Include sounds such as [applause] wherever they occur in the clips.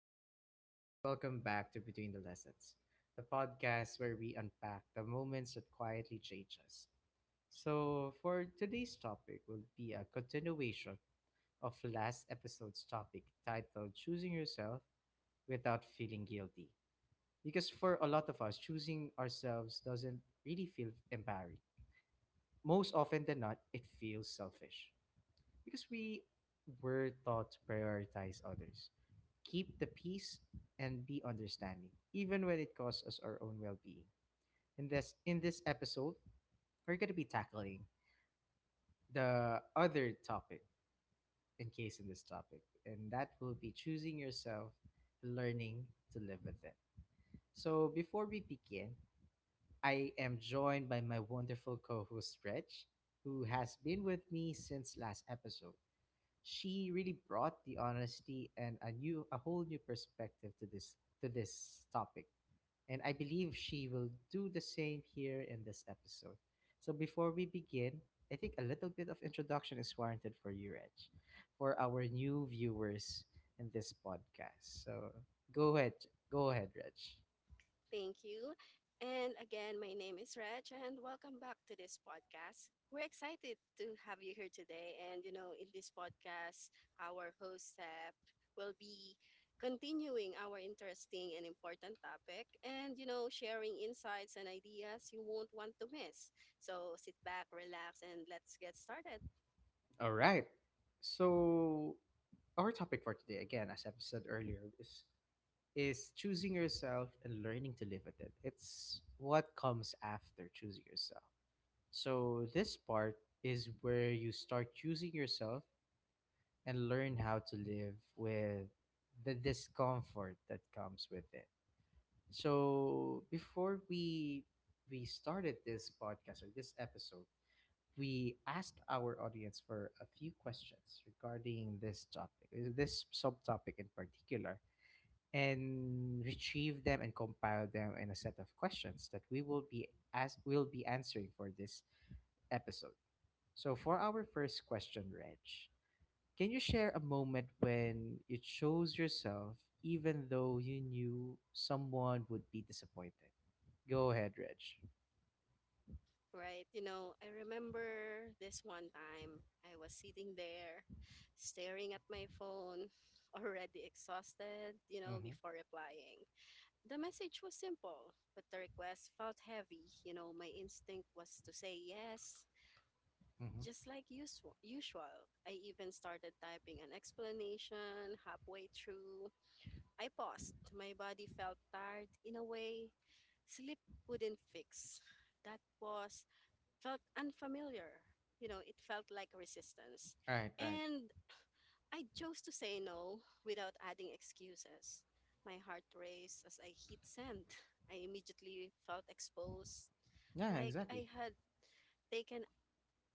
is Seth, and welcome back to Between the Lessons, the podcast where we unpack the moments that quietly change us. So, for today's topic, will be a continuation of last episode's topic titled Choosing Yourself Without Feeling Guilty. Because for a lot of us, choosing ourselves doesn't really feel empowering. Most often than not, it feels selfish because we were taught to prioritize others, keep the peace, and be understanding, even when it costs us our own well-being. In this episode, we're going to be tackling the other topic in in this topic, and that will be choosing yourself, learning to live with it. So before we begin, I am joined by my wonderful co-host Reg, who has been with me since last episode. She really brought the honesty and a whole new perspective to this topic, and I believe she will do the same here in this episode. So before we begin, I think a little bit of introduction is warranted for you, Reg, for our new viewers in this podcast. So go ahead, go ahead, Reg. Thank you. And again, my name is Reg, and welcome back to this podcast. We're excited to have you here today. And, you know, in this podcast, our host, Sep, will be continuing our interesting and important topic and, you know, sharing insights and ideas you won't want to miss. So sit back, relax, and let's get started. All right. So our topic for today, again, as I've said earlier, is choosing yourself and learning to live with it. It's what comes after choosing yourself. So this part is where you start choosing yourself and learn how to live with the discomfort that comes with it. So before we started this podcast or this episode, we asked our audience for a few questions regarding this topic, this subtopic in particular, and retrieved them and compiled them in a set of questions that we will be as will be answering for this episode. So for our first question, Reg, can you share a moment when you chose yourself even though you knew someone would be disappointed? Go ahead, Reg. Right. You know, I remember this one time I was sitting there staring at my phone, [laughs] already exhausted, you know, Mm-hmm. before replying. The message was simple, but the request felt heavy. You know, my instinct was to say yes, Mm-hmm. just like usual. I even started typing an explanation halfway through. I paused. My body felt tired in a way sleep couldn't fix. That pause felt unfamiliar. You know, it felt like resistance. Right, right. And I chose to say no without adding excuses. My heart raced as I hit send. I immediately felt exposed, Yeah, like exactly. I had taken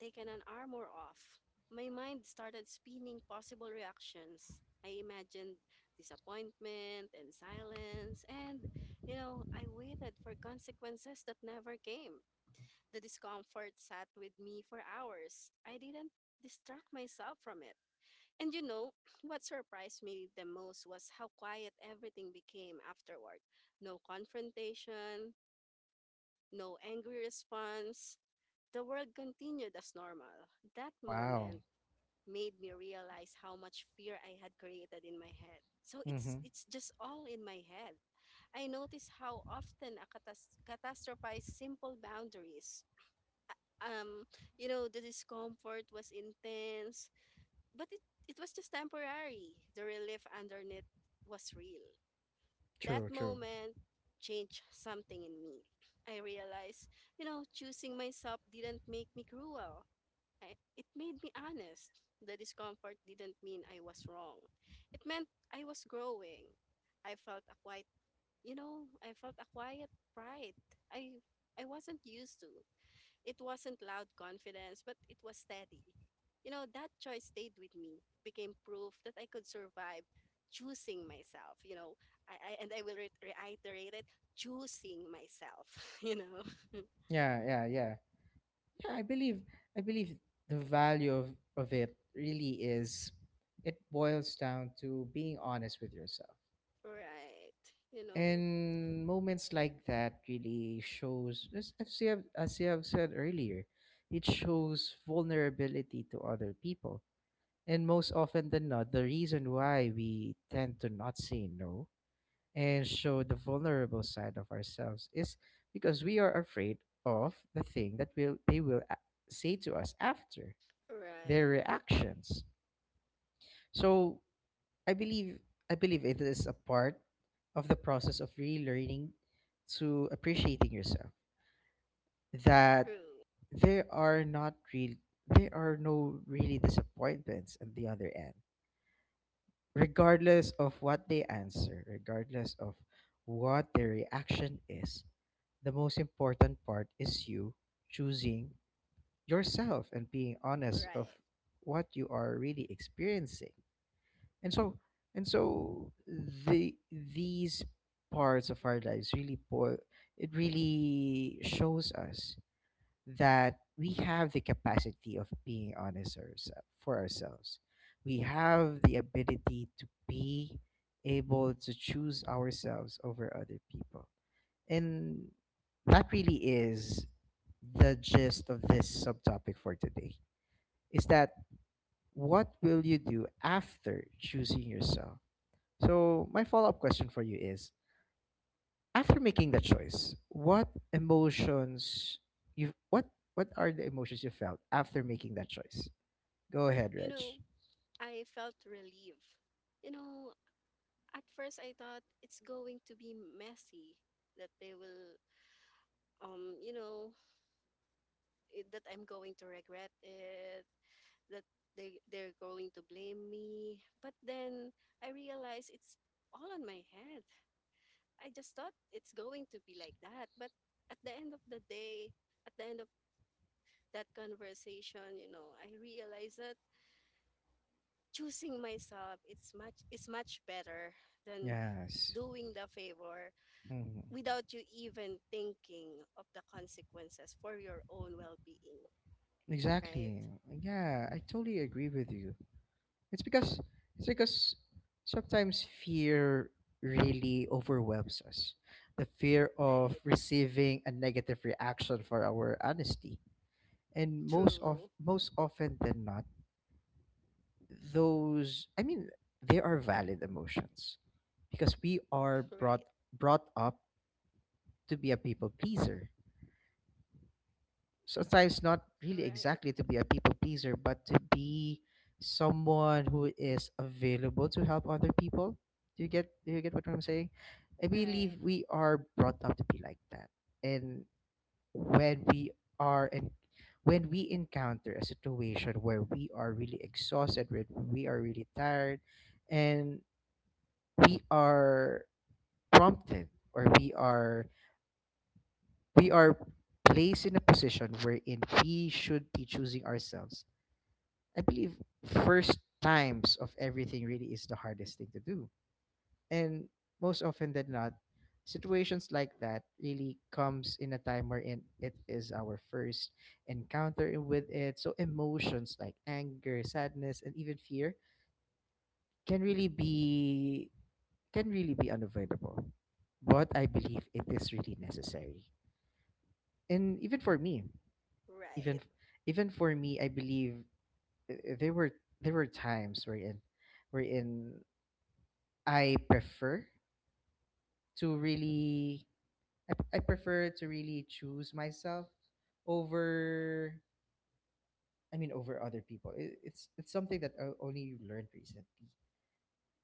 taken an armor off. My mind started spinning possible reactions. I imagined disappointment and silence, and you know, I waited for consequences that never came. The discomfort sat with me for hours. I didn't distract myself from it. And you know, [clears throat] what surprised me the most was how quiet everything became afterward. No confrontation, no angry response. The world continued as normal. That Wow. moment made me realize how much fear I had created in my head. So it's Mm-hmm. it's just all in my head. I notice how often I catastrophize simple boundaries. um you know, the discomfort was intense, but it was just temporary. The relief underneath was real. That True, true. moment changed something in me. I realized, you know, choosing myself didn't make me cruel. I, it made me honest. The discomfort didn't mean I was wrong, it meant I was growing. I felt a quiet, you know, I felt a quiet pride I wasn't used to. It wasn't loud confidence, but it was steady. You know, that choice stayed with me. It became proof that I could survive choosing myself, you know. I and I will reiterate it, choosing myself, [laughs] you know. [laughs] Yeah, yeah, yeah. Yeah, I believe the value of it really is it boils down to being honest with yourself. Right. You know. And moments like that really shows as you have said earlier, it shows vulnerability to other people. And most often than not, the reason why we tend to not say no and show the vulnerable side of ourselves is because we are afraid of the thing that will they will a- say to us after Right. their reactions. So i believe I believe it is a part of the process of relearning to appreciating yourself, that True. there are not real there are no really disappointments at the other end, regardless of what they answer, regardless of what their reaction is. The most important part is you choosing yourself and being honest of Right. what you are really experiencing. And so and so these parts of our lives really po- it really shows us that we have the capacity of being honest ourselves for ourselves. We have the ability to be able to choose ourselves over other people. And that really is the gist of this subtopic for today. Is that what will you do after choosing yourself? So my follow-up question for you is, after making that choice, emotions you what what are the emotions you felt after making that choice? Go ahead, You Reg. know, I felt relief. You know, at first I thought it's going to be messy, that they will, you know, it, that I'm going to regret it, that they're going to blame me. But then I realize it's all on my head. I just thought it's going to be like that, but at the end of the day, at the end of that conversation, you know, I realized that choosing myself it's much better than Yes. doing the favor Mhm. without you even thinking of the consequences for your own well-being, right? Exactly. Yeah, I totally agree with you. It's because it's because sometimes fear really overwhelms us. The fear of Right. receiving a negative reaction for our honesty. And most of True. most often than not, those I mean, they are valid emotions because we are brought Right. brought up to be a people pleaser, sometimes not really Right. exactly to be a people pleaser but to be someone who is available to help other people. Do you get what I'm saying? I Right. believe we are brought up to be like that, and when we are and when we encounter a situation where we are really exhausted, where we are really tired, and we are prompted, or we are placed in a position wherein we should be choosing ourselves. I believe first times of everything really is the hardest thing to do, and most often than not, situations like that really comes in a time wherein it is our first encounter with it. So emotions like anger, sadness, and even fear can really be unavoidable, but I believe it is really necessary. And even Right, even for me, I believe uh, uh, there were there were times wherein I prefer to really I prefer to really choose myself over I mean over other people. It's something that I only learned recently.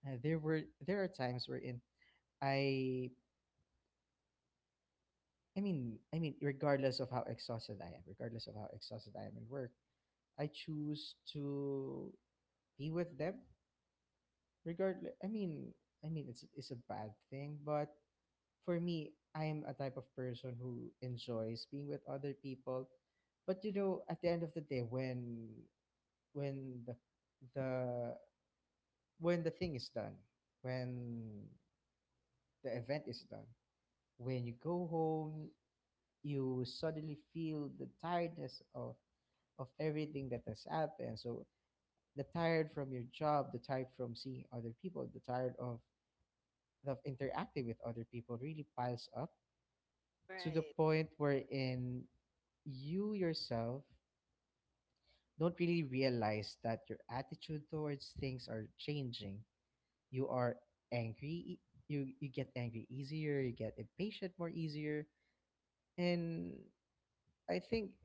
There are times wherein I I mean, regardless of how exhausted I am, regardless of how exhausted I am at work, I choose to be with them. Regardless, I mean, it's a bad thing, but for me, I am a type of person who enjoys being with other people. But at the end of the day, when the when the thing is done, when the event is done, when you go home, you suddenly feel the tiredness of everything that has happened. So the tired from your job, the tired from seeing other people, the tired of interacting with other people really piles up to the right. point wherein you yourself don't really realize that your attitude towards things are changing. You are angry, e- you get angry easier, you get impatient more easier, and I think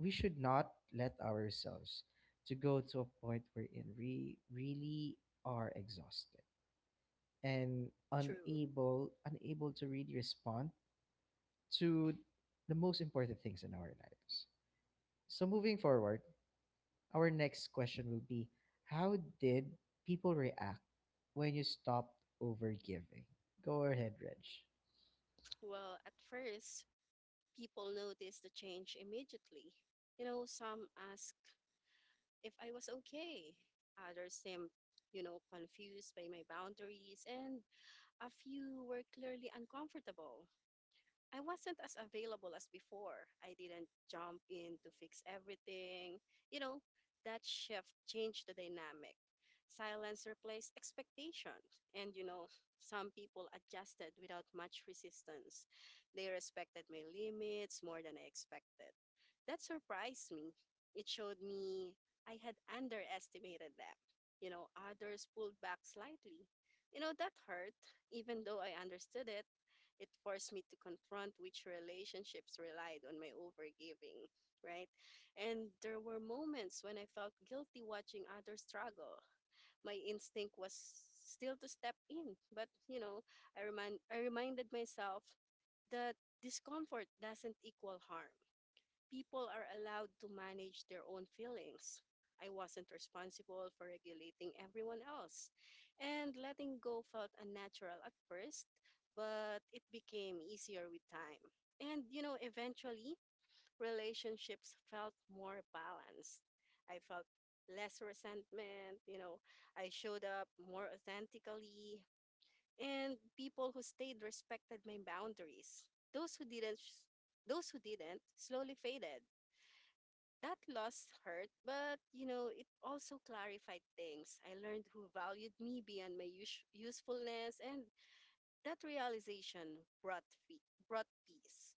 we should not let ourselves to go to a point wherein we really are exhausted and True. unable to really respond to the most important things in our lives. So moving forward, our next question will be: how did people react when you stopped overgiving? Go ahead, Reg. Well, at first, people noticed the change immediately. You know, some asked if I was okay. Others seemed, you know, confused by my boundaries, and a few were clearly uncomfortable. I wasn't as available as before. I didn't jump in to fix everything. You know, that shift changed the dynamic. Silence replaced expectation. And, you know, some people adjusted without much resistance. They respected my limits more than I expected. That surprised me. It showed me I had underestimated them. You know, others pulled back slightly. You know, that hurt, even though I understood it. It forced me to confront which relationships relied on my overgiving, right? And there were moments when I felt guilty watching others struggle. My instinct was still to step in, but you know, I reminded myself that discomfort doesn't equal harm. People are allowed to manage their own feelings. I wasn't responsible for regulating everyone else. And letting go felt unnatural at first, but it became easier with time. And, you know, eventually, relationships felt more balanced. I felt less resentment, you know, I showed up more authentically, and people who stayed respected my boundaries. Those who didn't, those who didn't slowly faded. That loss hurt, but you know, it also clarified things. I learned who valued me beyond my usefulness, and that realization brought brought peace.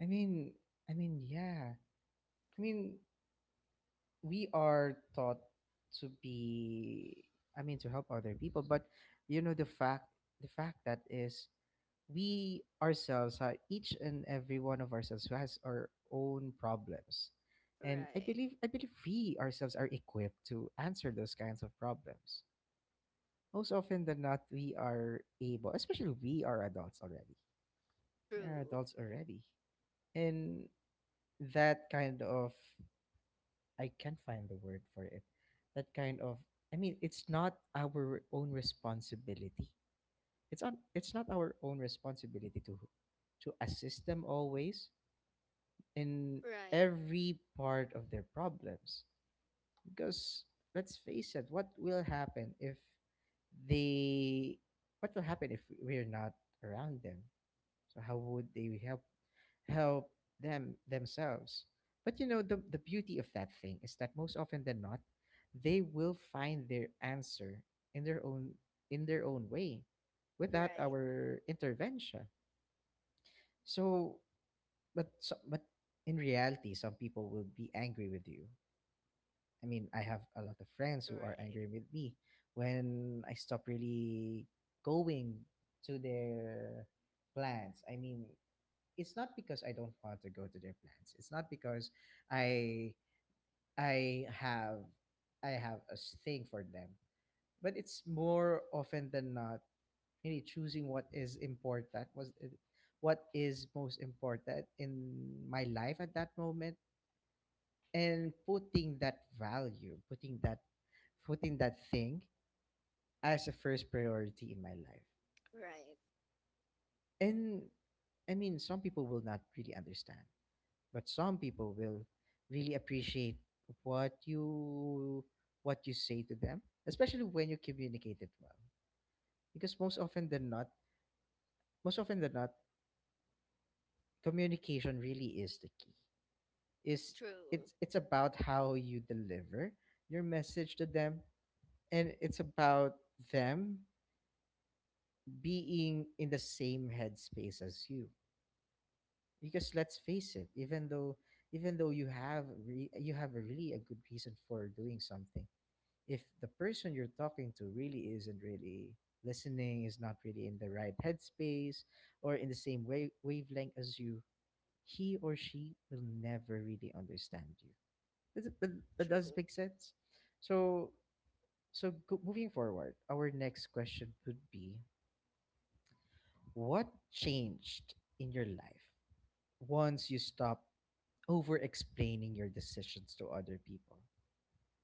I mean, I mean, yeah. I mean, we are taught to be I mean to help other people. But you know the fact the fact that is, we ourselves are each and every one of ourselves who has our own problems, and i Right. believe i believe we ourselves are equipped to answer those kinds of problems. Most often than not, we are able, especially we are adults already we are True. adults already and that kind of, I can't find the word for it. That kind of, I mean, it's not our own responsibility. It's not our own responsibility to assist them always in Right. every part of their problems. Because let's face it, what will happen if they what will happen if we're not around them? So how would they help them themselves. But the beauty of that thing is that, most often than not, they will find their answer in their own in their own way without Right. our intervention. So so, but in reality, some people will be angry with you. I mean, I have a lot of friends who are Right. angry with me when I stop really going to their plans. I mean, it's not because I don't want to go to their plans. It's not because I I have I have a thing for them. But it's more often than not really choosing what is important was what is most important in my life at that moment, and putting that value, putting that thing as a first priority in my life. Right. And I mean, some people will not really understand, but some people will really appreciate what you what you say to them, especially when you communicate it well. Because most often than not, communication really is the key. is True. it's it's about how you deliver your message to them, and it's about them being in the same headspace as you. Because let's face it, even though you have a really a good reason for doing something, if the person you're talking to really isn't really listening, is not really in the right headspace, or in the same way wavelength as you, he or she will never really understand you. That does True. make sense. So, so, moving forward, our next question would be: what changed in your life once you stopped over-explaining your decisions to other people?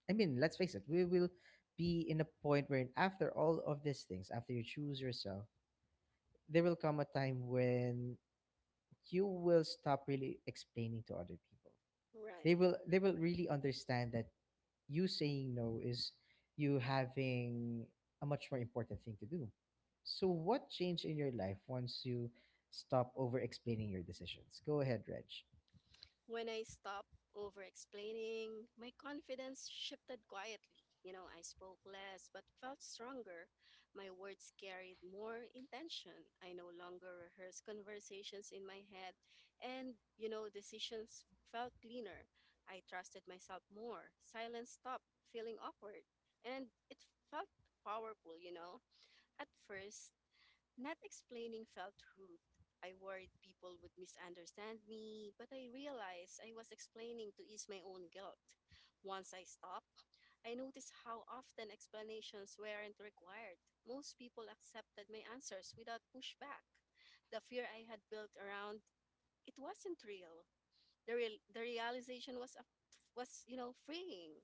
I mean, let's face it, we will be in a point where, after all of these things, after you choose yourself, there will come a time when you will stop really explaining to other people. They Right. will they will really understand that you saying no is you having a much more important thing to do. So what changed in your life once you stop over explaining your decisions? Go ahead, Reg. When I stopped over explaining, my confidence shifted quietly. You know, I spoke less but felt stronger. My words carried more intention. I no longer rehearsed conversations in my head, and, you know, decisions felt cleaner. I trusted myself more. Silence stopped feeling awkward, and it felt powerful, you know. At first, not explaining felt rude. I worried people would misunderstand me, but I realized I was explaining to ease my own guilt. Once I stopped, I noticed how often explanations weren't required. Most people accepted my answers without pushback. The fear I had built around it wasn't real. The realization was a, was you know, freeing.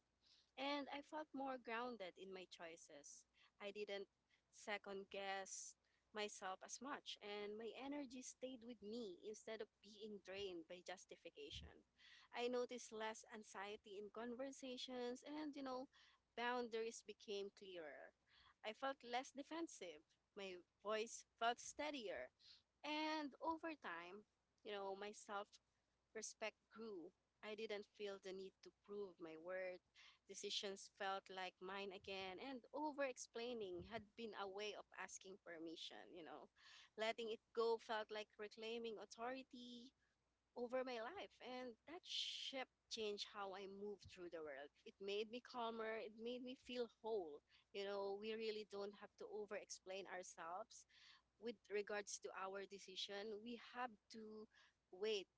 And I felt more grounded in my choices. I didn't second guess myself as much, and my energy stayed with me instead of being drained by justification. I noticed less anxiety in conversations, and you know, boundaries became clearer. I felt less defensive. My voice felt steadier. And over time, you know, my self respect grew. I didn't feel the need to prove my worth. Decisions felt like mine again, and over explaining had been a way of asking permission, you know. Letting it go felt like reclaiming authority over my life, and that shift changed how I moved through the world. It made me calmer, it made me feel whole. You know, we really don't have to over explain ourselves with regards to our decision. We have to wait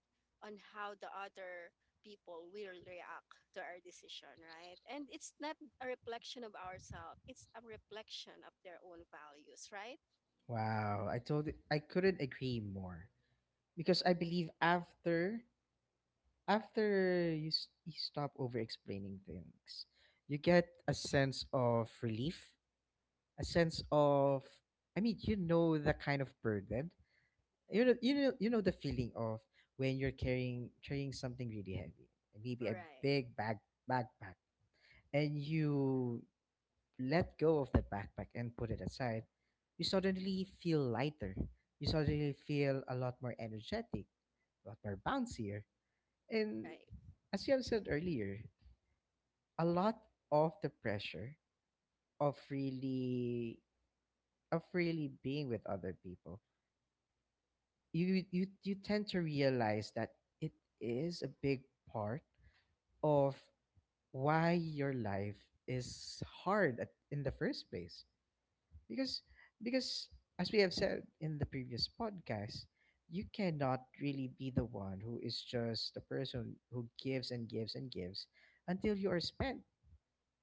on how the other people will react to our decision, right? And it's not a reflection of ourselves, it's a reflection of their own values, right? Wow, I told I couldn't agree more, because I believe after you stop over explaining things. You get a sense of relief, a sense of, the kind of burden. You know the feeling of when you're carrying something really heavy. Maybe a Right, big bag, backpack, and you let go of that backpack and put it aside. You suddenly feel lighter, you suddenly feel a lot more energetic, a lot more bouncier. And right. as you have said earlier, a lot of the pressure of really being with other people, you tend to realize that it is a big part of why your life is hard in the first place, because because as we have said in the previous podcast, you cannot really be the one who is just the person who gives and gives and gives until you are spent.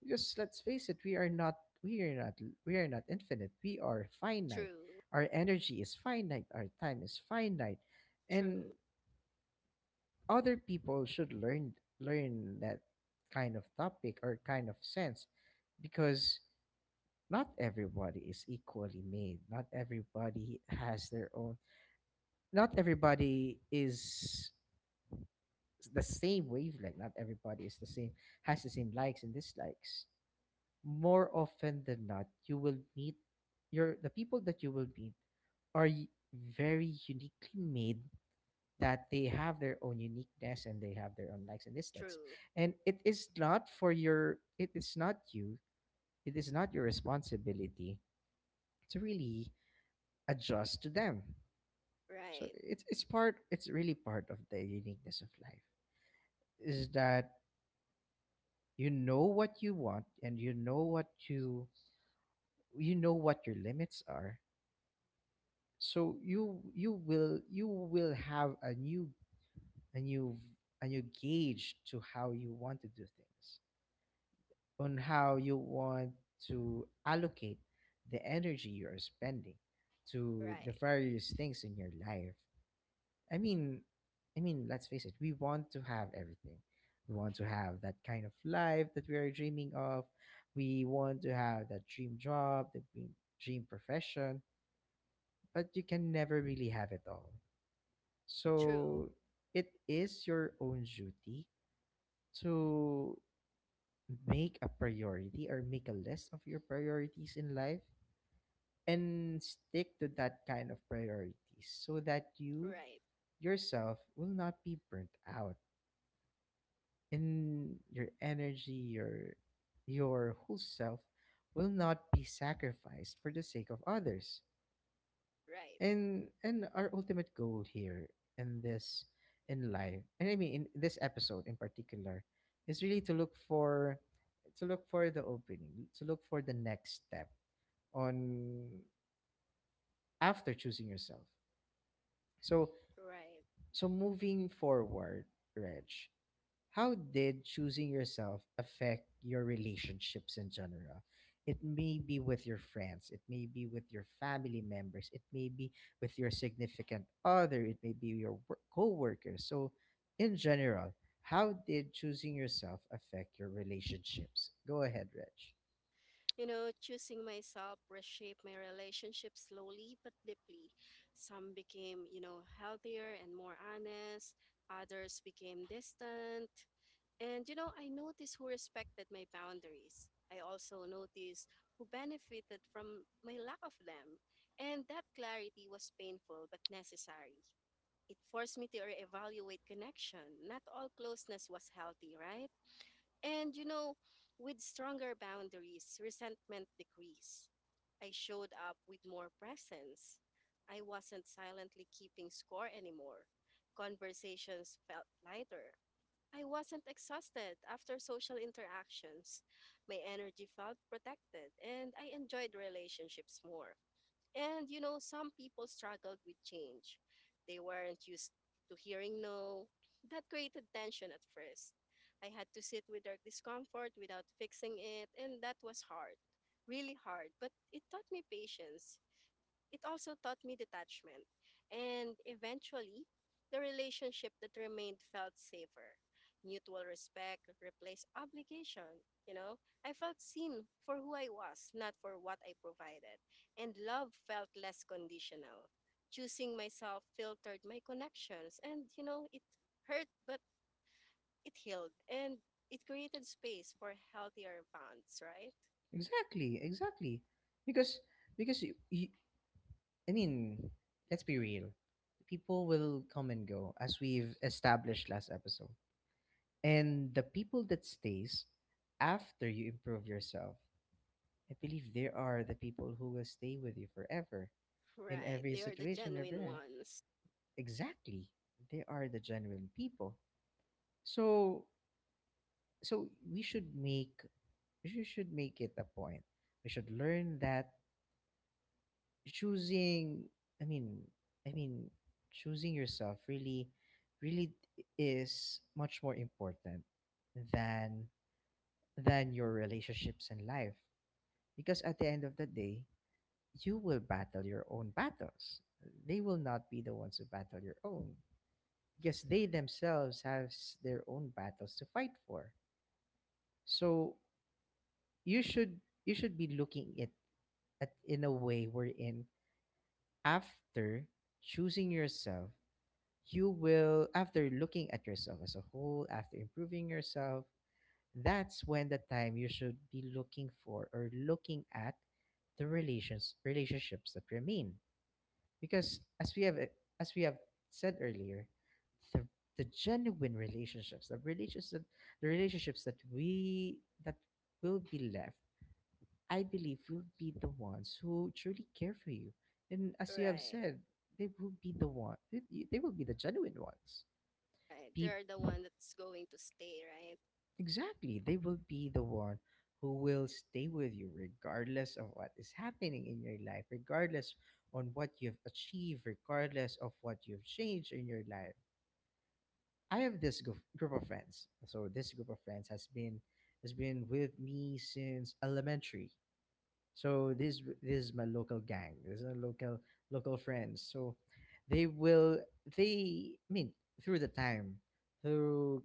Because let's face it, we are not we are not infinite. We are finite. True, Our energy is finite. Our time is finite, and true, other people should learn that kind of topic or kind of sense, because not everybody is equally made. Not everybody has their own. Not everybody is the same wavelength. Not everybody is the same, has the same likes and dislikes. More often than not, you will meet, your the people that you will meet are very uniquely made, that they have their own uniqueness and they have their own likes and dislikes. true. And it is not for your it is not you, it is not your responsibility to really adjust to them. So Right, it's really part of the uniqueness of life. Is that you know what you want, and you know what your limits are. So you you will have a new a new gauge to how you want to do things, on how you want to allocate the energy you are spending to the right. various things in your life. I mean i mean let's face it, we want to have everything, we want to have that kind of life that we are dreaming of. We want to have that dream job, the dream profession, but you can never really have it all. True, So it is your own duty to make a priority or make a list of your priorities in life, and stick to that kind of priorities so that you right, yourself will not be burnt out, and your energy, your whole self will not be sacrificed for the sake of others. right, And our ultimate goal here in this in life, and in this episode in particular, is really to look for the opening, to look for the next step on after choosing yourself. so right. so moving forward, Reg, how did choosing yourself affect your relationships in general? It may be with your friends, it may be with your family members, it may be with your significant other, it may be your co-workers. So in general, how did choosing yourself affect your relationships? Go ahead, Reg. You know, choosing myself reshaped my relationship slowly but deeply. Some became, you know, healthier and more honest, others became distant. And, you know, I noticed who respected my boundaries. I also noticed who benefited from my lack of them. And that clarity was painful but necessary. It forced me to reevaluate connection. Not all closeness was healthy, right? And you know, with stronger boundaries, resentment decreased. I showed up with more presence. I wasn't silently keeping score anymore. Conversations felt lighter. I wasn't exhausted after social interactions. My energy felt protected, and I enjoyed relationships more. And you know, some people struggled with change. They weren't used to hearing no. That created tension at first. I had to sit with their discomfort without fixing it, and that was hard, really hard. But it taught me patience. It also taught me detachment, and eventually, the relationship that remained felt safer. Mutual respect replaced obligation. You know, I felt seen for who I was, not for what I provided, and love felt less conditional. Choosing myself filtered my connections, and you know, it hurt, but it healed, and it created space for healthier bonds, right? Exactly, exactly. Because because I mean, let's be real. People will come and go, as we've established last episode. And the people that stays after you improve yourself, I believe there are the people who will stay with you forever in Right. every They are the situation you're genuine in. ones. Exactly. They are the genuine people. So so we should make it a point. We should learn that choosing, i mean I mean, choosing yourself really, really is much more important than your relationships in life, because at the end of the day, you will battle your own battles. They will not be the ones who battle your own, because they themselves have their own battles to fight for. So you should you should be looking it at in a way wherein, after choosing yourself, you will after looking at yourself as a whole, after improving yourself, that's when the time you should be looking for or looking at the relationships that remain. Because as we have said earlier, the the genuine relationships, the relationships, the relationships that will be left, I believe will be the ones who truly care for you. And as you have Right. said, they will be the one, they will be the genuine ones. Right. Peop They're the one that's going to stay, right? Exactly, they will be the one who will stay with you regardless of what is happening in your life, regardless on what you've achieved, regardless of what you've changed in your life. I have this group of friends. So this group of friends has been with me since elementary. So this is my local gang. This is a local friends. So they will, they I mean through the time, through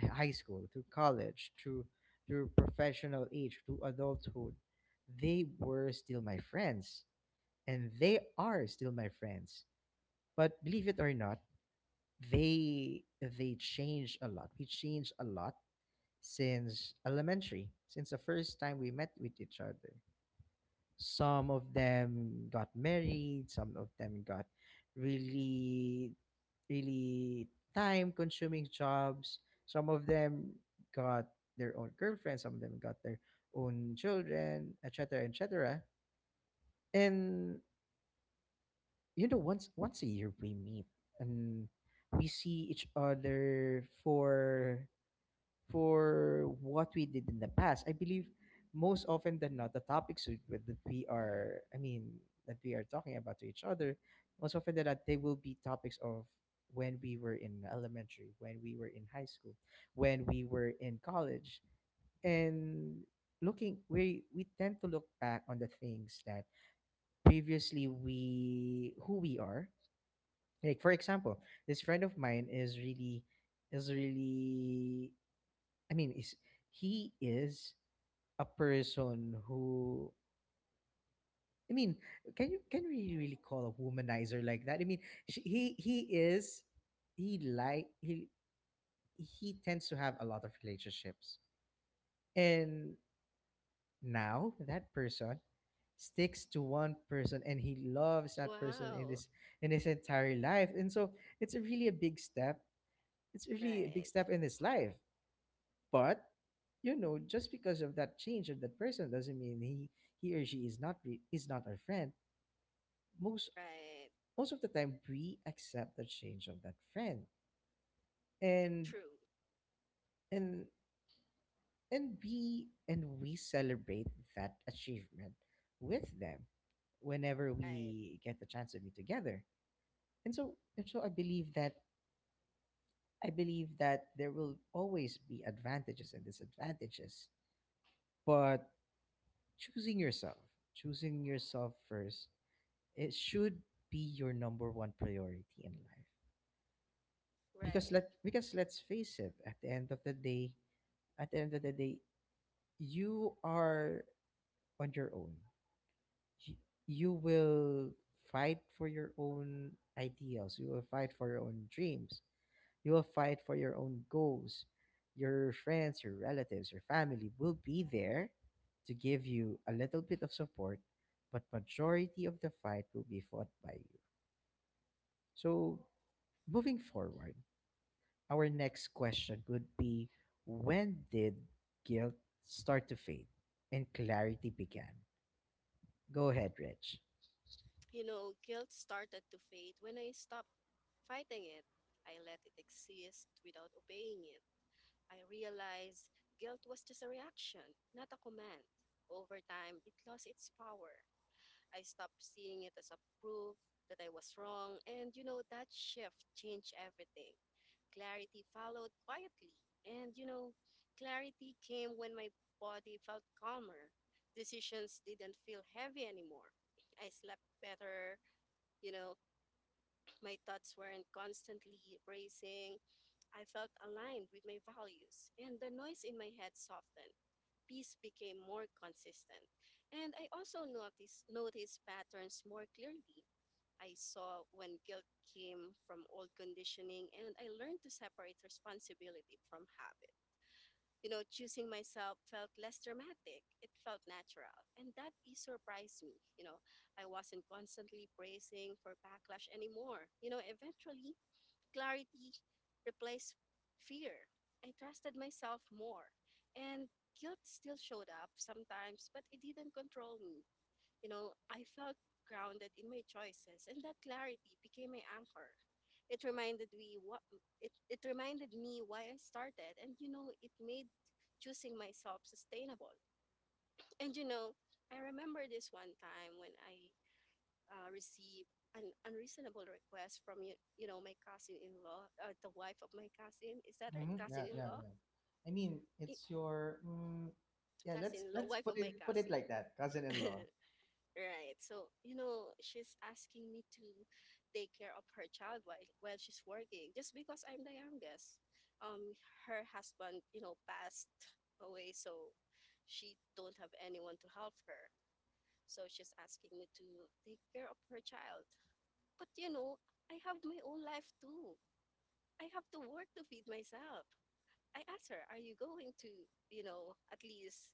high school, through college, through professional age to adulthood, they were still my friends, and they are still my friends. But believe it or not, they changed a lot. We changed a lot since elementary, since the first time we met with each other. Some of them got married, some of them got really, really time consuming jobs. Some of them got their own girlfriends, some of them got their own children, etc., etc. And you know, once a year we meet, and we see each other for what we did in the past. I believe most often than not, the topics that we are, I mean, that we are talking about to each other, most often than not, they will be topics of when we were in elementary, when we were in high school, when we were in college. And looking we tend to look back on the things that previously we who we are. Like, for example, this friend of mine is really, is really I mean, is he is a person who, I mean, can we really call a womanizer like that? I mean, she, he is he like he tends to have a lot of relationships. And now that person sticks to one person, and he loves that person in Wow. his, in his entire life. And so it's a really a big step. It's really a big Right. step in his life. But you know, just because of that change of that person doesn't mean he or she is not re- is not our friend. Most Right. Most of the time, we accept the change of that friend, and True. and and we celebrate that achievement with them whenever Right. we get the chance to be together. And so I believe that there will always be advantages and disadvantages. But choosing yourself, choosing yourself first, it should be your number one priority in life, because Right. Let's face it, at the end of the day, at the end of the day you are on your own. Y- you will fight for your own ideals, you will fight for your own dreams, you will fight for your own goals. Your friends, your relatives, your family will be there to give you a little bit of support, but majority of the fight will be fought by you. So moving forward, our next question would be: when did guilt start to fade and clarity began? Go ahead, Rich. You know, guilt started to fade when I stopped fighting it. I let it exist without obeying it. I realized guilt was just a reaction, not a command. Over time, it lost its power. I stopped seeing it as a proof that I was wrong. And you know, that shift changed everything. Clarity followed quietly. And you know, clarity came when my body felt calmer. Decisions didn't feel heavy anymore. I slept better. You know, [clears throat] my thoughts weren't constantly racing. I felt aligned with my values. And the noise in my head softened. Peace became more consistent. And I also noticed patterns more clearly. I saw when guilt came from old conditioning, and I learned to separate responsibility from habit. You know, choosing myself felt less dramatic. It felt natural. And that is surprised me. You know, I wasn't constantly bracing for backlash anymore. You know, eventually, clarity replaced fear. I trusted myself more. And guilt still showed up sometimes, but it didn't control me. You know, I felt grounded in my choices, and that clarity became my anchor. It reminded me what it, it reminded me why I started, and you know, it made choosing myself sustainable. And you know, I remember this one time when I received an unreasonable request from you, you know, my cousin-in-law, the wife of my cousin. Is that right? Hmm, yeah, yeah, Cousin-in-law? yeah. I mean, I- it's your, mm, yeah. Let's Cousin-in-law, let's wife put of my it put it cousin. like that, [laughs] cousin-in-law. Right. So, you know, she's asking me to take care of her child while she's working just because I'm the youngest. Um, Her husband, you know, passed away, so she don't have anyone to help her. So she's asking me to take care of her child. But you know, I have my own life too. I have to work to feed myself. I asked her, "Are you going to, at least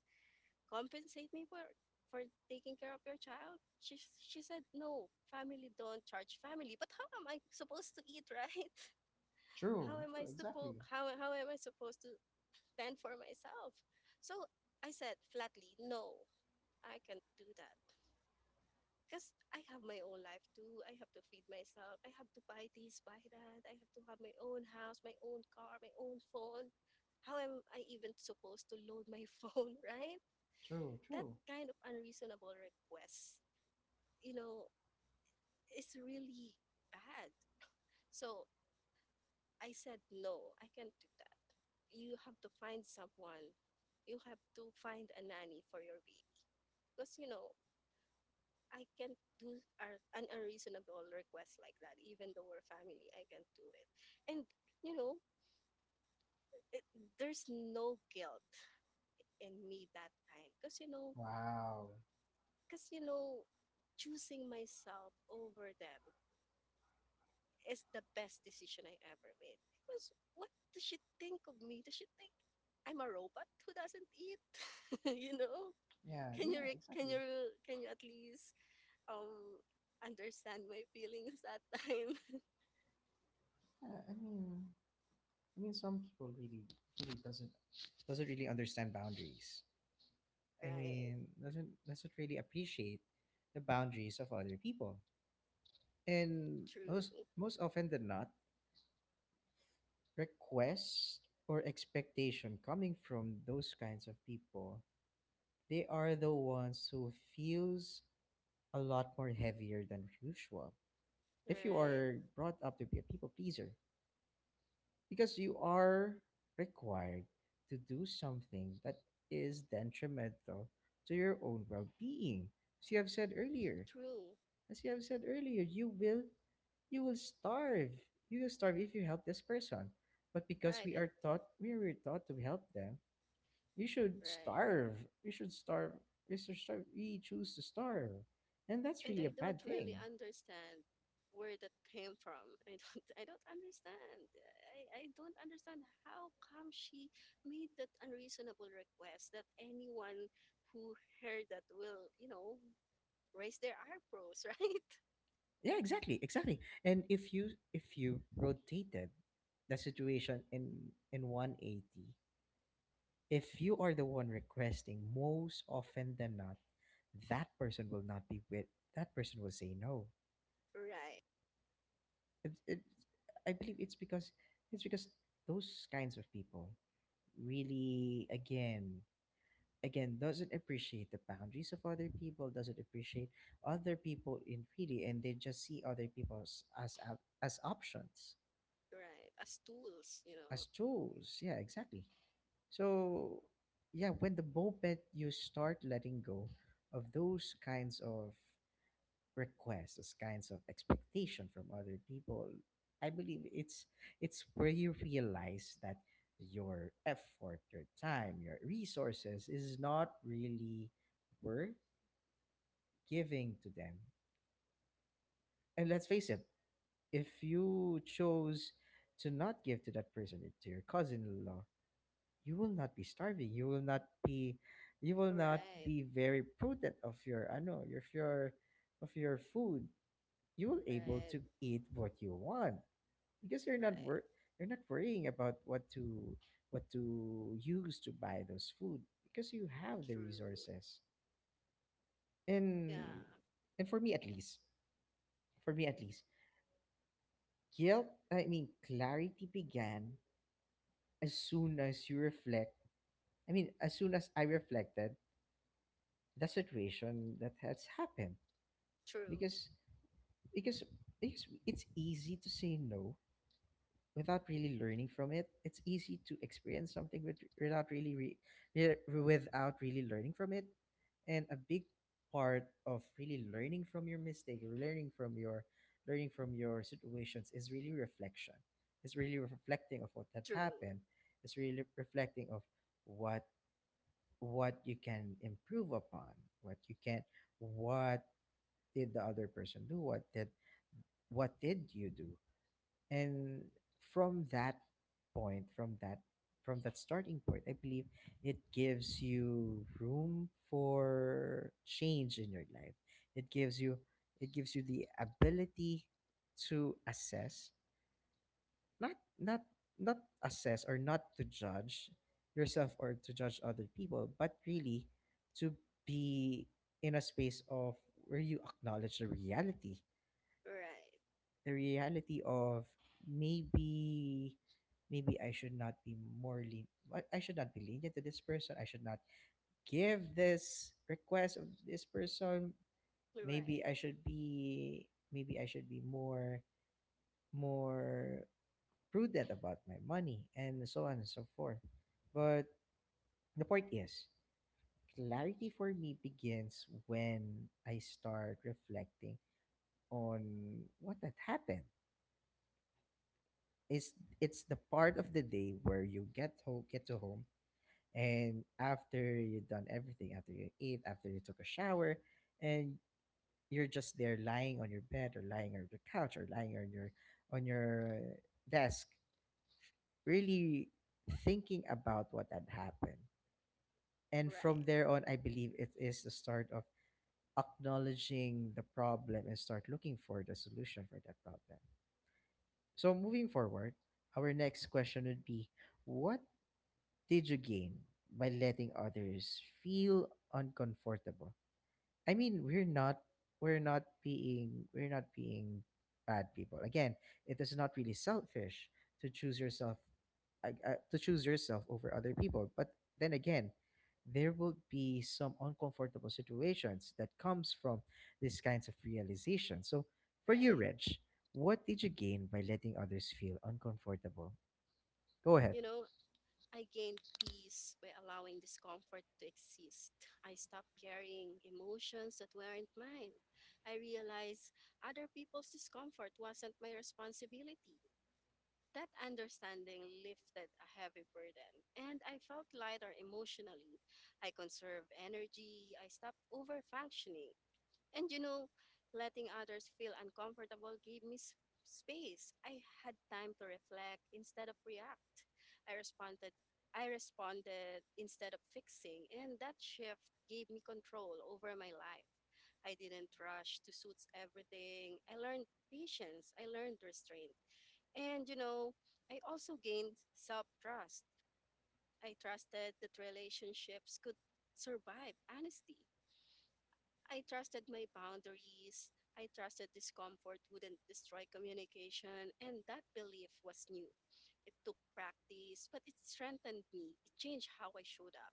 compensate me for taking care of your child?" She said, "No, family don't charge family." But how am I supposed to eat, right? [laughs] How True, am true, I exactly. supposed how am I supposed to fend for myself? So I said flatly, "No, I can't do that." Because I have my own life too. I have to feed myself. I have to buy this, buy that. I have to have my own house, my own car, my own phone. How am I even supposed to load my [laughs] phone, right? True, That true. kind of unreasonable request, you know, is really bad. So I said, no, I can't do that. You have to find someone. You have to find a nanny for your baby. Because, I can't do an unreasonable request like that. Even though we're family, I can't do it. And, you know, it, there's no guilt in me that time. Because, Wow. because, you know, choosing myself over them is the best decision I ever made. Because what does she think of me? Does she think I'm a robot who doesn't eat? [laughs] You know? Yeah, Can you yeah, can exactly. you at least um understand my feelings that time? [laughs] Yeah, I mean, some people really doesn't really understand boundaries. I Right. mean, doesn't really appreciate the boundaries of other people. And True. most often than not, requests or expectation coming from those kinds of people, they are the ones who feels a lot more heavier than usual. If you Right. are brought up to be a people pleaser, because you are required to do something that is detrimental to your own well-being. As you have said earlier, True. As you have said earlier, you will starve. You will starve if you help this person. But because Right. we are And taught we were taught to help them, you should right. starve. You should starve. You should starve. We choose to starve. And that's And really a I don't bad really thing. understand where that came from. I don't [laughs] I don't understand. I don't understand how come she made that unreasonable request that anyone who heard that will, raise their eyebrows, [laughs] right? Yeah, exactly, exactly. And if you rotated the situation in 180, if you are the one requesting, most often than not, that person will not be with that person will say no. Right, it, it, I believe it's because it's because those kinds of people really, again, doesn't appreciate the boundaries of other people, doesn't appreciate other people in really, and they just see other people as as options, right. As tools, you know. as tools. Yeah, exactly. So yeah, when the moment you start letting go of those kinds of requests, those kinds of expectation from other people, I believe it's where you realize that your effort, your time, your resources is not really worth giving to them. And let's face it, if you chose to not give to that person, to your cousin-in-law, you will not be starving, you will not Right, be very prudent of your, I know, your of your, of your food. You will able right, to eat what you want, because you're not right. You're not worrying about what to use to buy those food, because you have the True. resources. Yeah. And for me at least, for me at least guilt, I mean clarity, began as soon as you reflect, I mean as soon as I reflected the situation that has happened. True. Because because because it's easy to say no without really learning from it. It's easy to experience something without really re, without really learning from it. And a big part of really learning from your mistake, learning from your, learning from your situations is really reflection. It's really reflecting of what had True. happened. It's really reflecting of what what you can improve upon, what you can, what did the other person do, what did, what did you do. And from that point, from that starting point, I believe it gives you room for change in your life. It gives you, it gives you the ability to assess, not not not assess or not to judge yourself or to judge other people, but really to be in a space of where you acknowledge the reality, Right. the reality of, maybe, maybe I should not be more lean I should not be lenient to this person. I should not give this request of this person. Right. Maybe I should be more, more prudent about my money and so on and so forth. But the point is, clarity for me begins when I start reflecting on what had happened. It's the part of the day where you get home get to home, and after you've done everything, after you eat, after you took a shower, and you're just there lying on your bed or lying on your couch or lying on your, on your desk, really thinking about what had happened. And from Right. there on, I believe it is the start of acknowledging the problem and start looking for the solution for that problem. So, moving forward, our next question would be, what did you gain by letting others feel uncomfortable? I mean, we're not, we're not being bad people. Again, it is not really selfish to choose yourself, to choose yourself over other people. But then again, there will be some uncomfortable situations that comes from these kinds of realization. So, for you, Right. Rich, what did you gain by letting others feel uncomfortable? Go ahead. You know, I gained peace by allowing discomfort to exist. I stopped carrying emotions that weren't mine. I realized other people's discomfort wasn't my responsibility. That understanding lifted a heavy burden, and I felt lighter emotionally. I conserved energy. I stopped over functioning. And letting others feel uncomfortable gave me space. I had time to reflect instead of react. I responded I responded instead of fixing, and that shift gave me control over my life. I didn't rush to suit everything. I learned patience, I learned restraint. And I also gained self-trust. I trusted that relationships could survive honesty. I trusted my boundaries. I trusted discomfort wouldn't destroy communication, and that belief was new. It took practice, but it strengthened me. It changed how I showed up.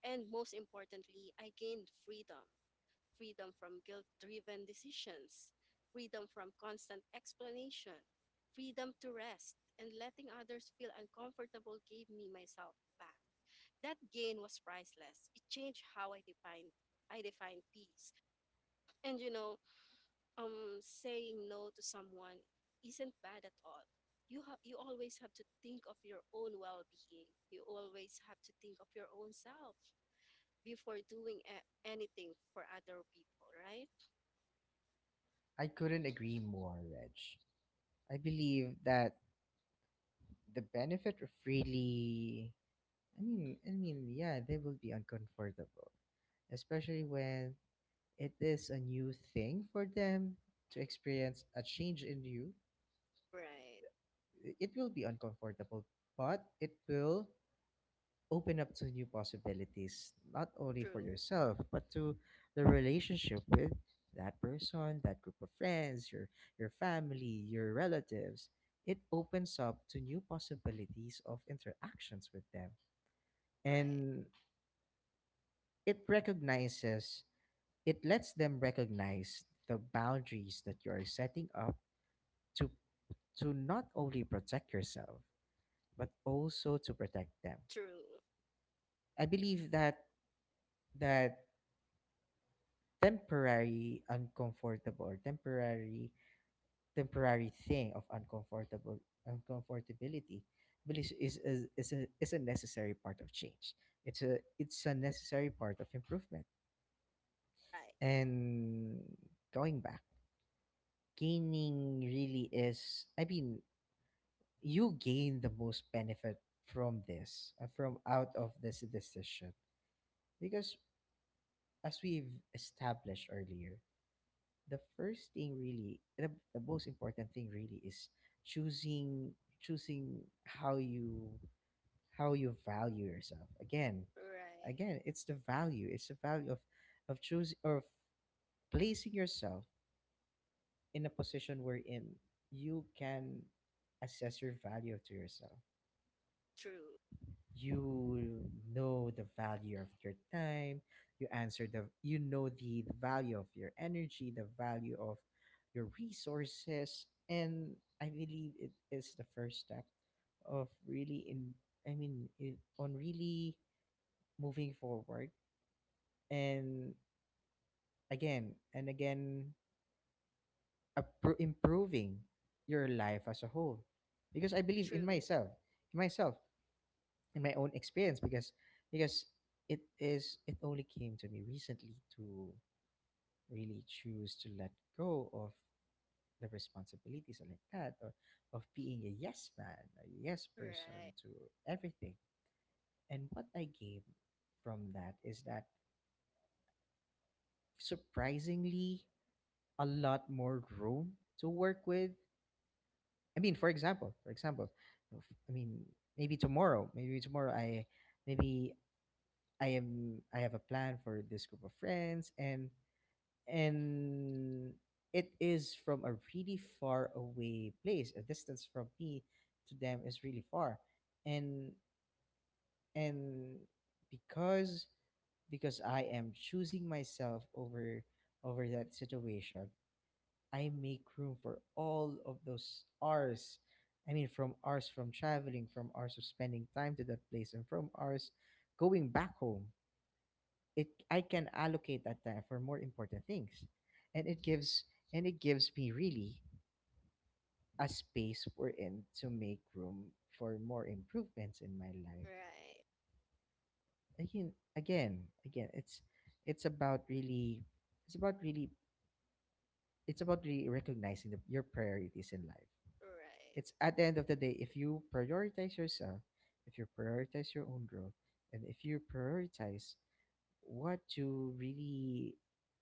And most importantly, I gained freedom, freedom from guilt driven decisions, freedom from constant explanation, freedom to rest, and letting others feel uncomfortable gave me myself back. That gain was priceless. It changed how I defined. I define peace. And saying no to someone isn't bad at all. You have you always have to think of your own well-being. You always have to think of your own self before doing anything for other people, right? I couldn't agree more, Reg. I believe that the benefit of really, I mean, yeah, they will be uncomfortable. Especially when it is a new thing for them to experience a change in you. Right. It will be uncomfortable, but it will open up to new possibilities, not only for True. yourself, but to the relationship with that person, that group of friends, your family, your relatives. It opens up to new possibilities of interactions with them. Right. And it recognizes, it lets them recognize the boundaries that you are setting up to to not only protect yourself, but also to protect them. True. I believe that that temporary uncomfortable, or temporary, temporary thing of uncomfortable, uncomfortability belief, is is a necessary part of change. It's a, it's a necessary part of improvement. Right. And going back, gaining really is, I mean, you gain the most benefit from this, from out of this decision, because as we've established earlier, the first thing really, the most important thing really is choosing, choosing how you, how you value yourself. Again, Right. it's the value, it's the value of choosing or of placing yourself in a position wherein you can assess your value to yourself. True. You know, the value of your time, you know value of your energy, the value of your resources. And I believe it is the first step of really, in I mean it, on really moving forward and, again and again, improving your life as a whole. Because I believe in True. myself, in myself in my own experience, because because it is, it only came to me recently to really choose to let go of the responsibilities and like that, or of being a yes man, a yes Right. person to everything. And what I gained from that is that, surprisingly, a lot more room to work with. I mean, for example, if- i mean maybe tomorrow, maybe tomorrow I maybe I have a plan for this group of friends, and and it is from a really far away place. A distance from me to them is really far. And and because I am choosing myself over that situation, I make room for all of those hours. I mean, from hours from traveling, from hours of spending time to that place, and from hours going back home, it I can allocate that time for more important things. And it gives, and it gives me really a space we're in to make room for more improvements in my life. Right. Again, it's about really, it's about really it's about really recognizing your priorities in life. Right. It's at the end of the day, if you prioritize yourself, if you prioritize your own growth, and if you prioritize what you really,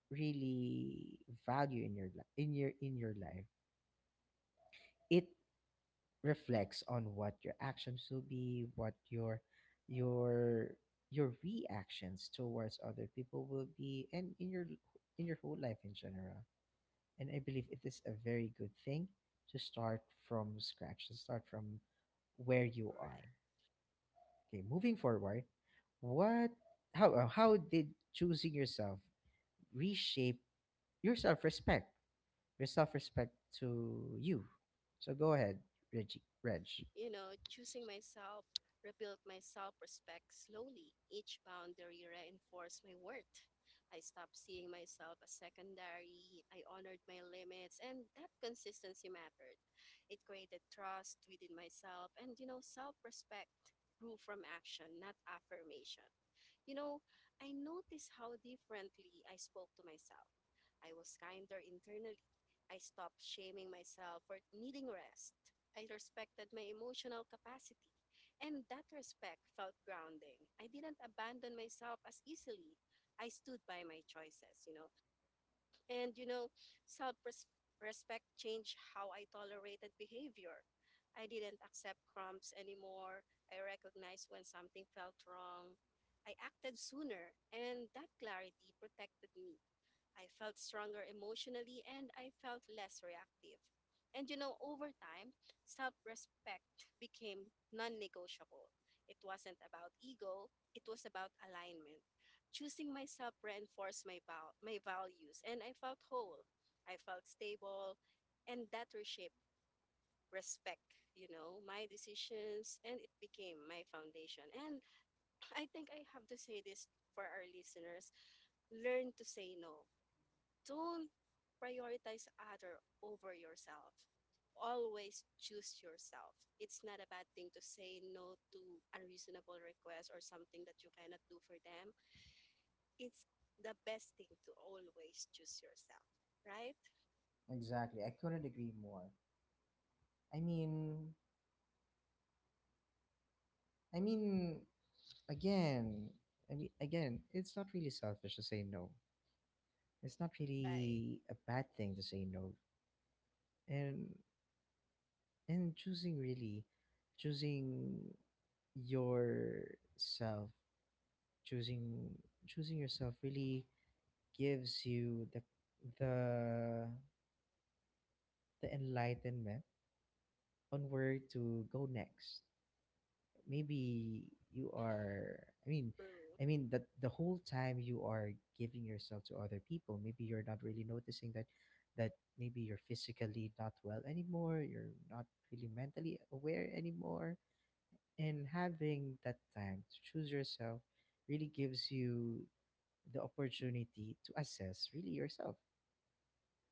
really value in your in your, in your life, it reflects on what your actions will be, what your your reactions towards other people will be, and in your, in your whole life in general. And I believe it is a very good thing to start from scratch, to start from where you Right. are. Okay, moving forward, what, how, how did choosing yourself reshape your self respect, your self respect to you? So, go ahead, Reggie. Reg. You know, choosing myself rebuilt my self respect slowly. Each boundary reinforced my worth. I stopped seeing myself as secondary. I honored my limits, and that consistency mattered. It created trust within myself, and self respect grew from action, not affirmation. You know, I noticed how differently I spoke to myself. I was kinder internally. I stopped shaming myself for needing rest. I respected my emotional capacity, and that respect felt grounding. I didn't abandon myself as easily. I stood by my choices, you know. And, self respect changed how I tolerated behavior. I didn't accept crumbs anymore. I recognized when something felt wrong. I acted sooner, and that clarity protected me. I felt stronger emotionally and I felt less reactive. And over time, self respect became non negotiable. It wasn't about ego, it was about alignment. Choosing myself reinforced my, my values, and I felt whole. I felt stable, and that reshaped respect, my decisions, and it became my foundation. And I think I have to say this for our listeners: learn to say no. Don't prioritize other over yourself. Always choose yourself. It's not a bad thing to say no to unreasonable requests or something that you cannot do for them. It's the best thing to always choose yourself, right? Exactly. I couldn't agree more. I mean, I mean, again, it's not really selfish to say no. It's not Right. really a bad thing to say no, and choosing really, choosing yourself, choosing choosing yourself really gives you the, the the enlightenment on where to go next. Maybe you are, I mean, True. That the whole time you are giving yourself to other people, maybe you're not really noticing that, that maybe you're physically not well anymore, you're not really mentally aware anymore. And having that time to choose yourself really gives you the opportunity to assess really yourself.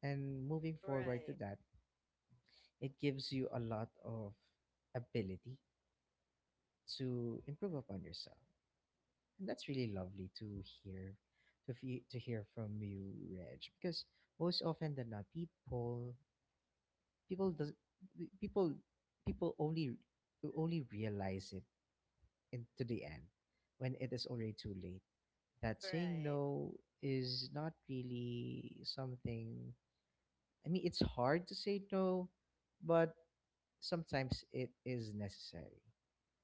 And moving forward to Right. that, it gives you a lot of ability to improve upon yourself. And that's really lovely to hear, to fe to hear from you, Reg, because most often than not, people, people does people, people only, only realize it in, to the end, when it is already too late, that saying Right. no is not really something, I mean, it's hard to say no, but sometimes it is necessary.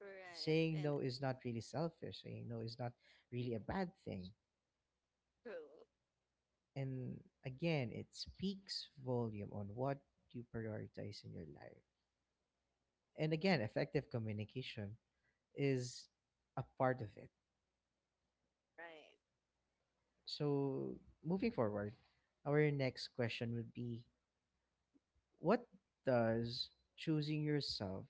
Right. Saying And no is not really selfish. Saying no is not really a bad thing. true. And again, it speaks volume on what you prioritize in your life. And again, effective communication is a part of it. Right. So, moving forward, our next question would be, what does choosing yourself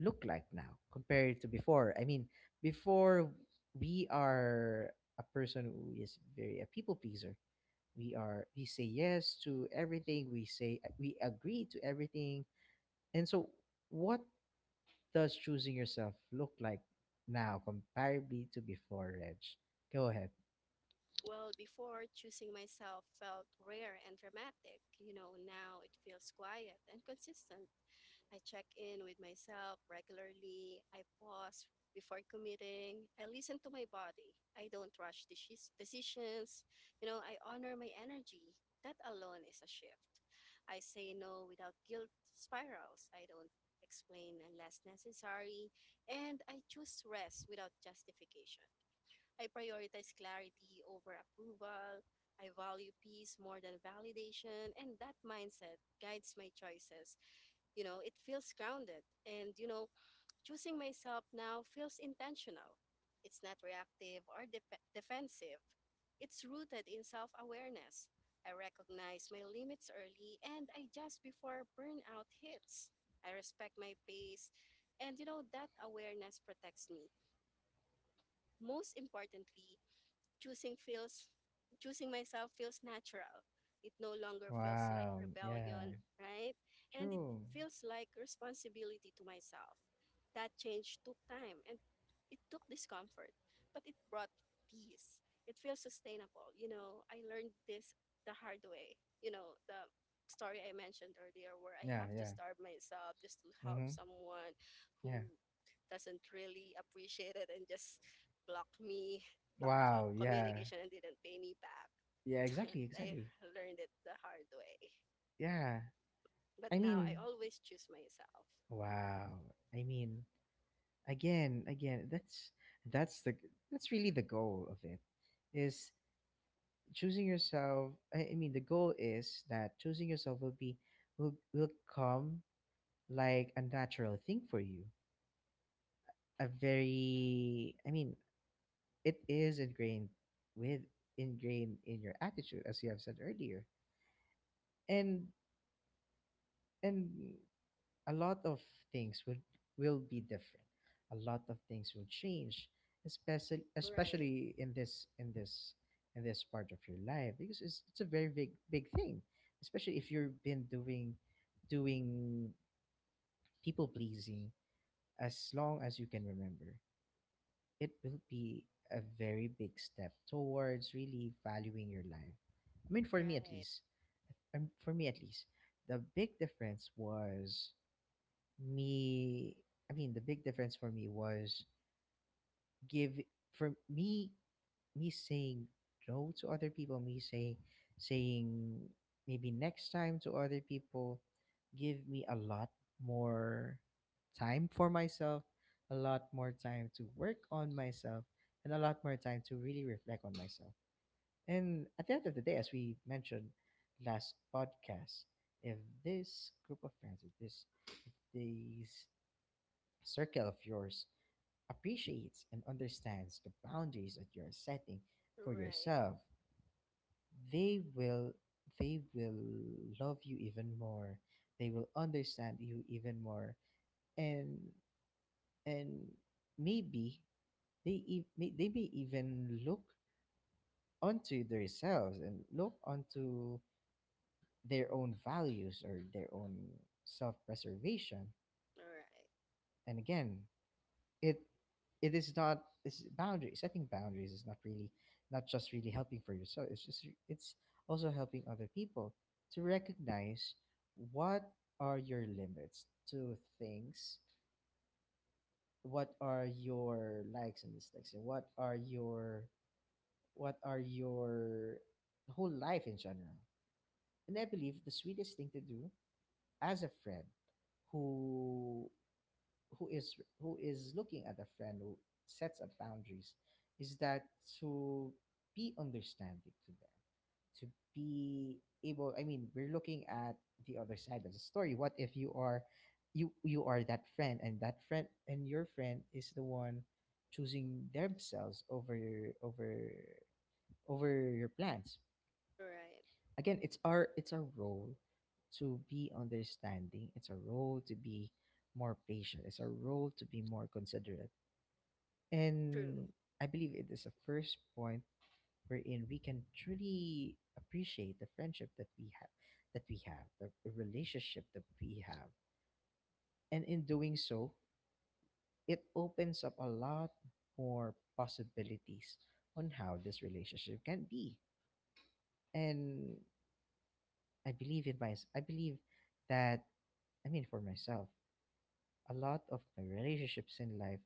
look like now compared to before? I mean, before, we are a person who is very a people pleaser, we are, we say yes to everything, we say, we agree to everything. And so, what does choosing yourself look like now comparably to before, Reg? Go ahead. Well, before, choosing myself felt rare and dramatic. You know, now it feels quiet and consistent. I check in with myself regularly. I pause before committing. I listen to my body. I don't rush decisions. You know, I honor my energy. That alone is a shift. I say no without guilt spirals. I don't explain unless necessary. And I choose rest without justification. I prioritize clarity over approval. I value peace more than validation. And that mindset guides my choices. You know, it feels grounded. And, choosing myself now feels intentional. It's not reactive or defensive, it's rooted in self awareness. I recognize my limits early and I adjust before burnout hits. I respect my pace. And, that awareness protects me. Most importantly, choosing feels choosing myself feels natural. It no longer feels like Wow, yeah. rebellion, right? And it True. feels like responsibility to myself. That change took time and it took discomfort, but it brought peace. It feels sustainable. You know, I learned this the hard way. You know, the story I mentioned earlier where I Yeah, have to yeah. starve myself just to help Mm-hmm. someone Yeah. who doesn't really appreciate it and just block me, Wow, yeah. communication and didn't pay me back. Yeah, [laughs] exactly, I exactly. learned it the hard way. Yeah. But I now I mean, always choose myself. wow. I mean, again, that's the, that's really the goal of it, is choosing yourself. I mean the goal is that choosing yourself will be, will come like a natural thing for you, a very, I mean, it is ingrained with, ingrained in your attitude, as you have said earlier. And and a lot of things would, will be different. A lot of things will change, especially Right, especially in this, in this part of your life, because it's a very big, big thing, especially if you've been doing, doing people pleasing as long as you can remember. It will be a very big step towards really valuing your life. I mean, for me at right, least, um, for me at least, the big difference was me I mean the big difference for me was give for me me saying no to other people, me say saying maybe next time to other people, give me a lot more time for myself, a lot more time to work on myself, and a lot more time to really reflect on myself. And at the end of the day, as we mentioned last podcast, if this group of friends, if these circle of yours appreciates and understands the boundaries that you're setting right, for right, yourself, they will they will love you even more. They will understand you even more, and and maybe they they may even look onto themselves and look onto their own values or their own self preservation. right. And again, it it's boundaries, setting boundaries is not really, not just really helping for yourself, it's also helping other people to recognize what are your limits to things, what are your likes and dislikes, and what are your whole life in general. And I believe the sweetest thing to do as a friend who who is looking at a friend who sets up boundaries is that to be understanding to them, to be able, I mean, we're looking at the other side of the story. What if you are, you are that friend, and your friend is the one choosing themselves over your over over your plans? True, right, Again, it's our role to be understanding, it's our role to be more patient, it's our role to be more considerate. And I believe it is a first point wherein we can truly appreciate the friendship that we have, the relationship that we have. And in doing so, it opens up a lot more possibilities on how this relationship can be. And I believe that, I mean, for myself, a lot of my relationships in life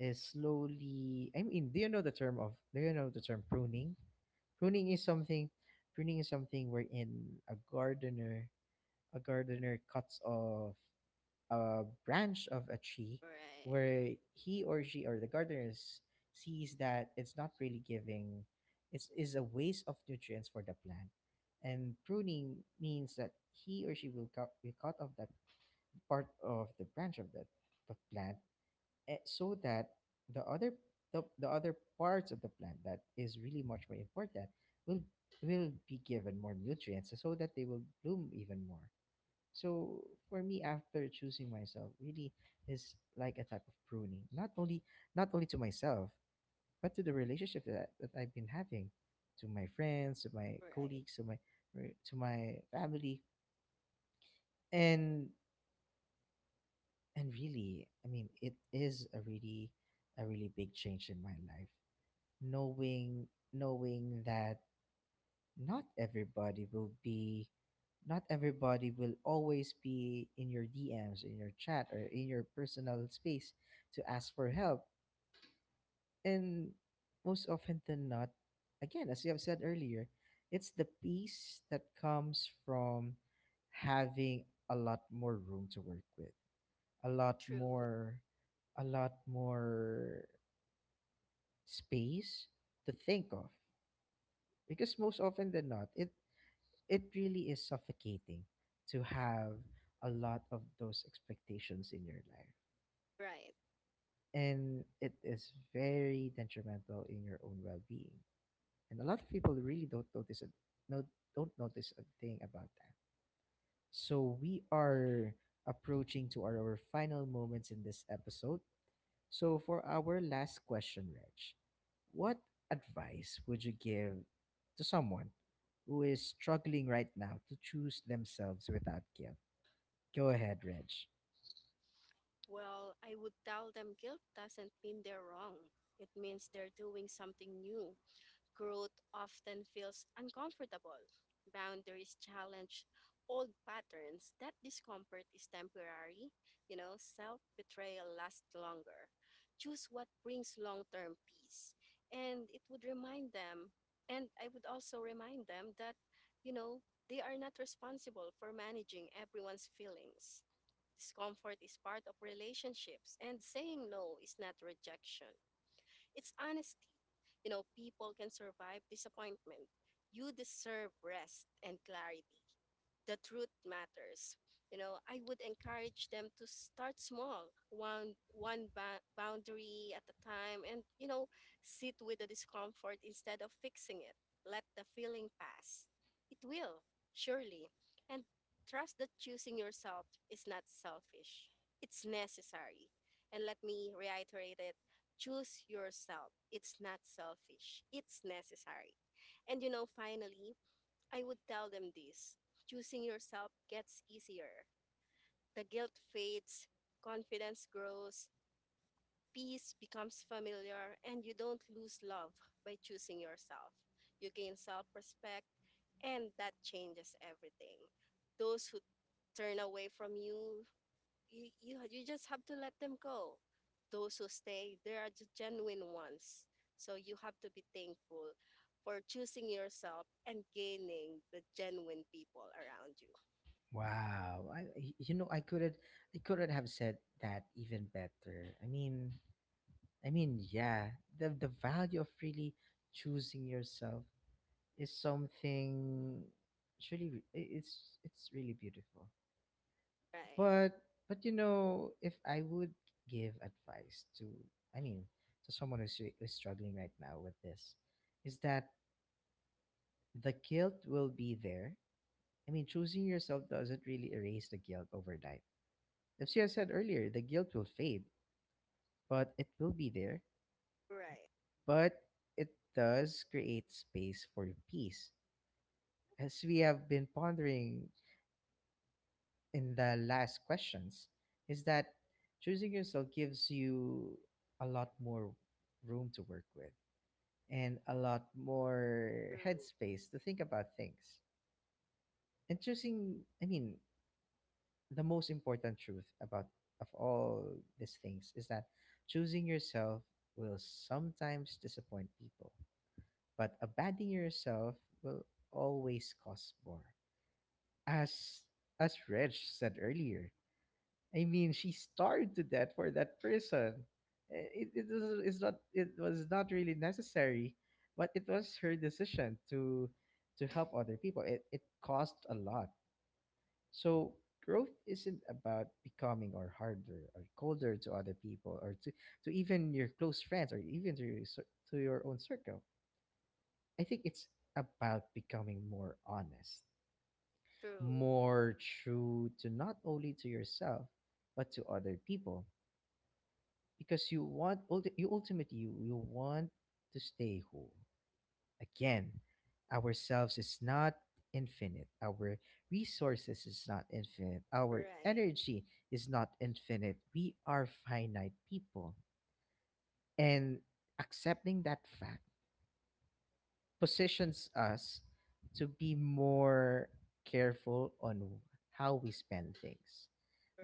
is slowly, I mean, do you know the term of, do you know the term pruning? Pruning is something Pruning is something wherein a gardener, cuts off a branch of a tree where he or she, or the gardeners, sees that it's not really giving, it's is a waste of nutrients for the plant. And pruning means that he or she will will cut off that part of the branch of the plant, so that the other the other parts of the plant that is really much more important will be given more nutrients so that they will bloom even more. So for me, after choosing myself, really, is like a type of pruning. Not only to myself, but to the relationship that, I've been having, to my friends, to my right, colleagues, to my to my family. And really, I mean, it is a really, a really big change in my life. Knowing that not everybody will be not everybody will always be in your DMs, in your chat, or in your personal space to ask for help. And most often than not, again, as you have said earlier, it's the peace that comes from having a lot more room to work with, a lot true, more, a lot more space to think of. Because most often than not, it really is suffocating to have a lot of those expectations in your life. right. And it is very detrimental in your own well-being, and a lot of people really don't notice it, no, don't notice a thing about that. So we are approaching to our final moments in this episode. So, for our last question, Reg, what advice would you give to someone who is struggling right now to choose themselves without guilt? Go ahead, Reg. Well, I would tell them guilt doesn't mean they're wrong. It means they're doing something new. Growth often feels uncomfortable. Boundaries challenge old patterns. That discomfort is temporary. You know, self betrayal lasts longer. Choose what brings long term peace. And it would remind them, and I would also remind them that, you know, they are not responsible for managing everyone's feelings. Discomfort is part of relationships, and saying no is not rejection. It's honesty. You know, people can survive disappointment. You deserve rest and clarity, the truth matters. You know, I would encourage them to start small, one boundary at a time, and sit with the discomfort instead of fixing it. Let the feeling pass. It will, surely, and trust that choosing yourself is not selfish. It's necessary. And let me reiterate it: choose yourself. It's not selfish. It's necessary. And you know, finally, I would tell them this: choosing yourself gets easier. The guilt fades, confidence grows, peace becomes familiar, and you don't lose love by choosing yourself. You gain self respect, and that changes everything. Those who turn away from you, you just have to let them go. Those who stay, they are the genuine ones. So you have to be thankful for choosing yourself and gaining the genuine people around you. Wow, you know I couldn't have said that even better. I mean, yeah, the value of really choosing yourself is something, it's really beautiful. Right. But you know, if I would give advice to, I mean, to someone who's struggling right now with this, is that the guilt will be there. I mean, choosing yourself doesn't really erase the guilt overnight. As I said earlier, the guilt will fade, but it will be there. Right. But it does create space for peace. As we have been pondering in the last questions is that choosing yourself gives you a lot more room to work with, and a lot more True. headspace to think about things. And choosing, I mean, the most important truth about of all these things is that choosing yourself will sometimes disappoint people, but abandoning yourself will always cost more. As as Reg said earlier, I mean, she starved to death for that person. It's not really necessary, but it was her decision to help other people. It cost a lot. So growth isn't about becoming or harder or colder to other people, or to even your close friends, or even to your to your own circle. I think it's about becoming more honest, True. more true to not only to yourself but to other people, because you want ulti- you ultimately you want to stay whole. Again, ourselves is not infinite, our resources is not infinite, our Right. energy is not infinite, we are finite people. And accepting that fact positions us to be more careful on how we spend things,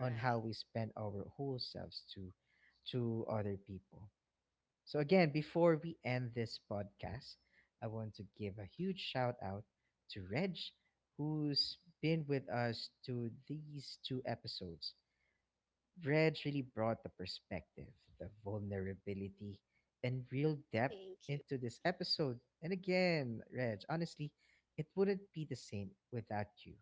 on how we spend our whole selves to other people. So, again, before we end this podcast, I want to give a huge shout out to Reg, who's been with us to these two episodes. Reg really brought the perspective, the vulnerability, and real depth Thank you. into this episode. And again, Reg, honestly, it wouldn't be the same without you.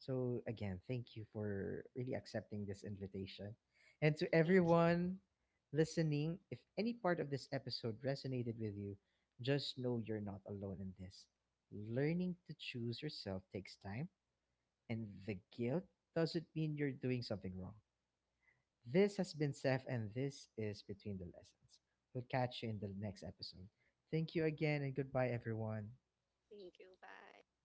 So, again, thank you for really accepting this invitation. And to Thank you. everyone listening, if any part of this episode resonated with you, just know you're not alone in this. Learning to choose yourself takes time, and the guilt doesn't mean you're doing something wrong. This has been Seth, and this is Between the Lessons. We'll catch you in the next episode. Thank you again, and goodbye, everyone. Thank you. Bye.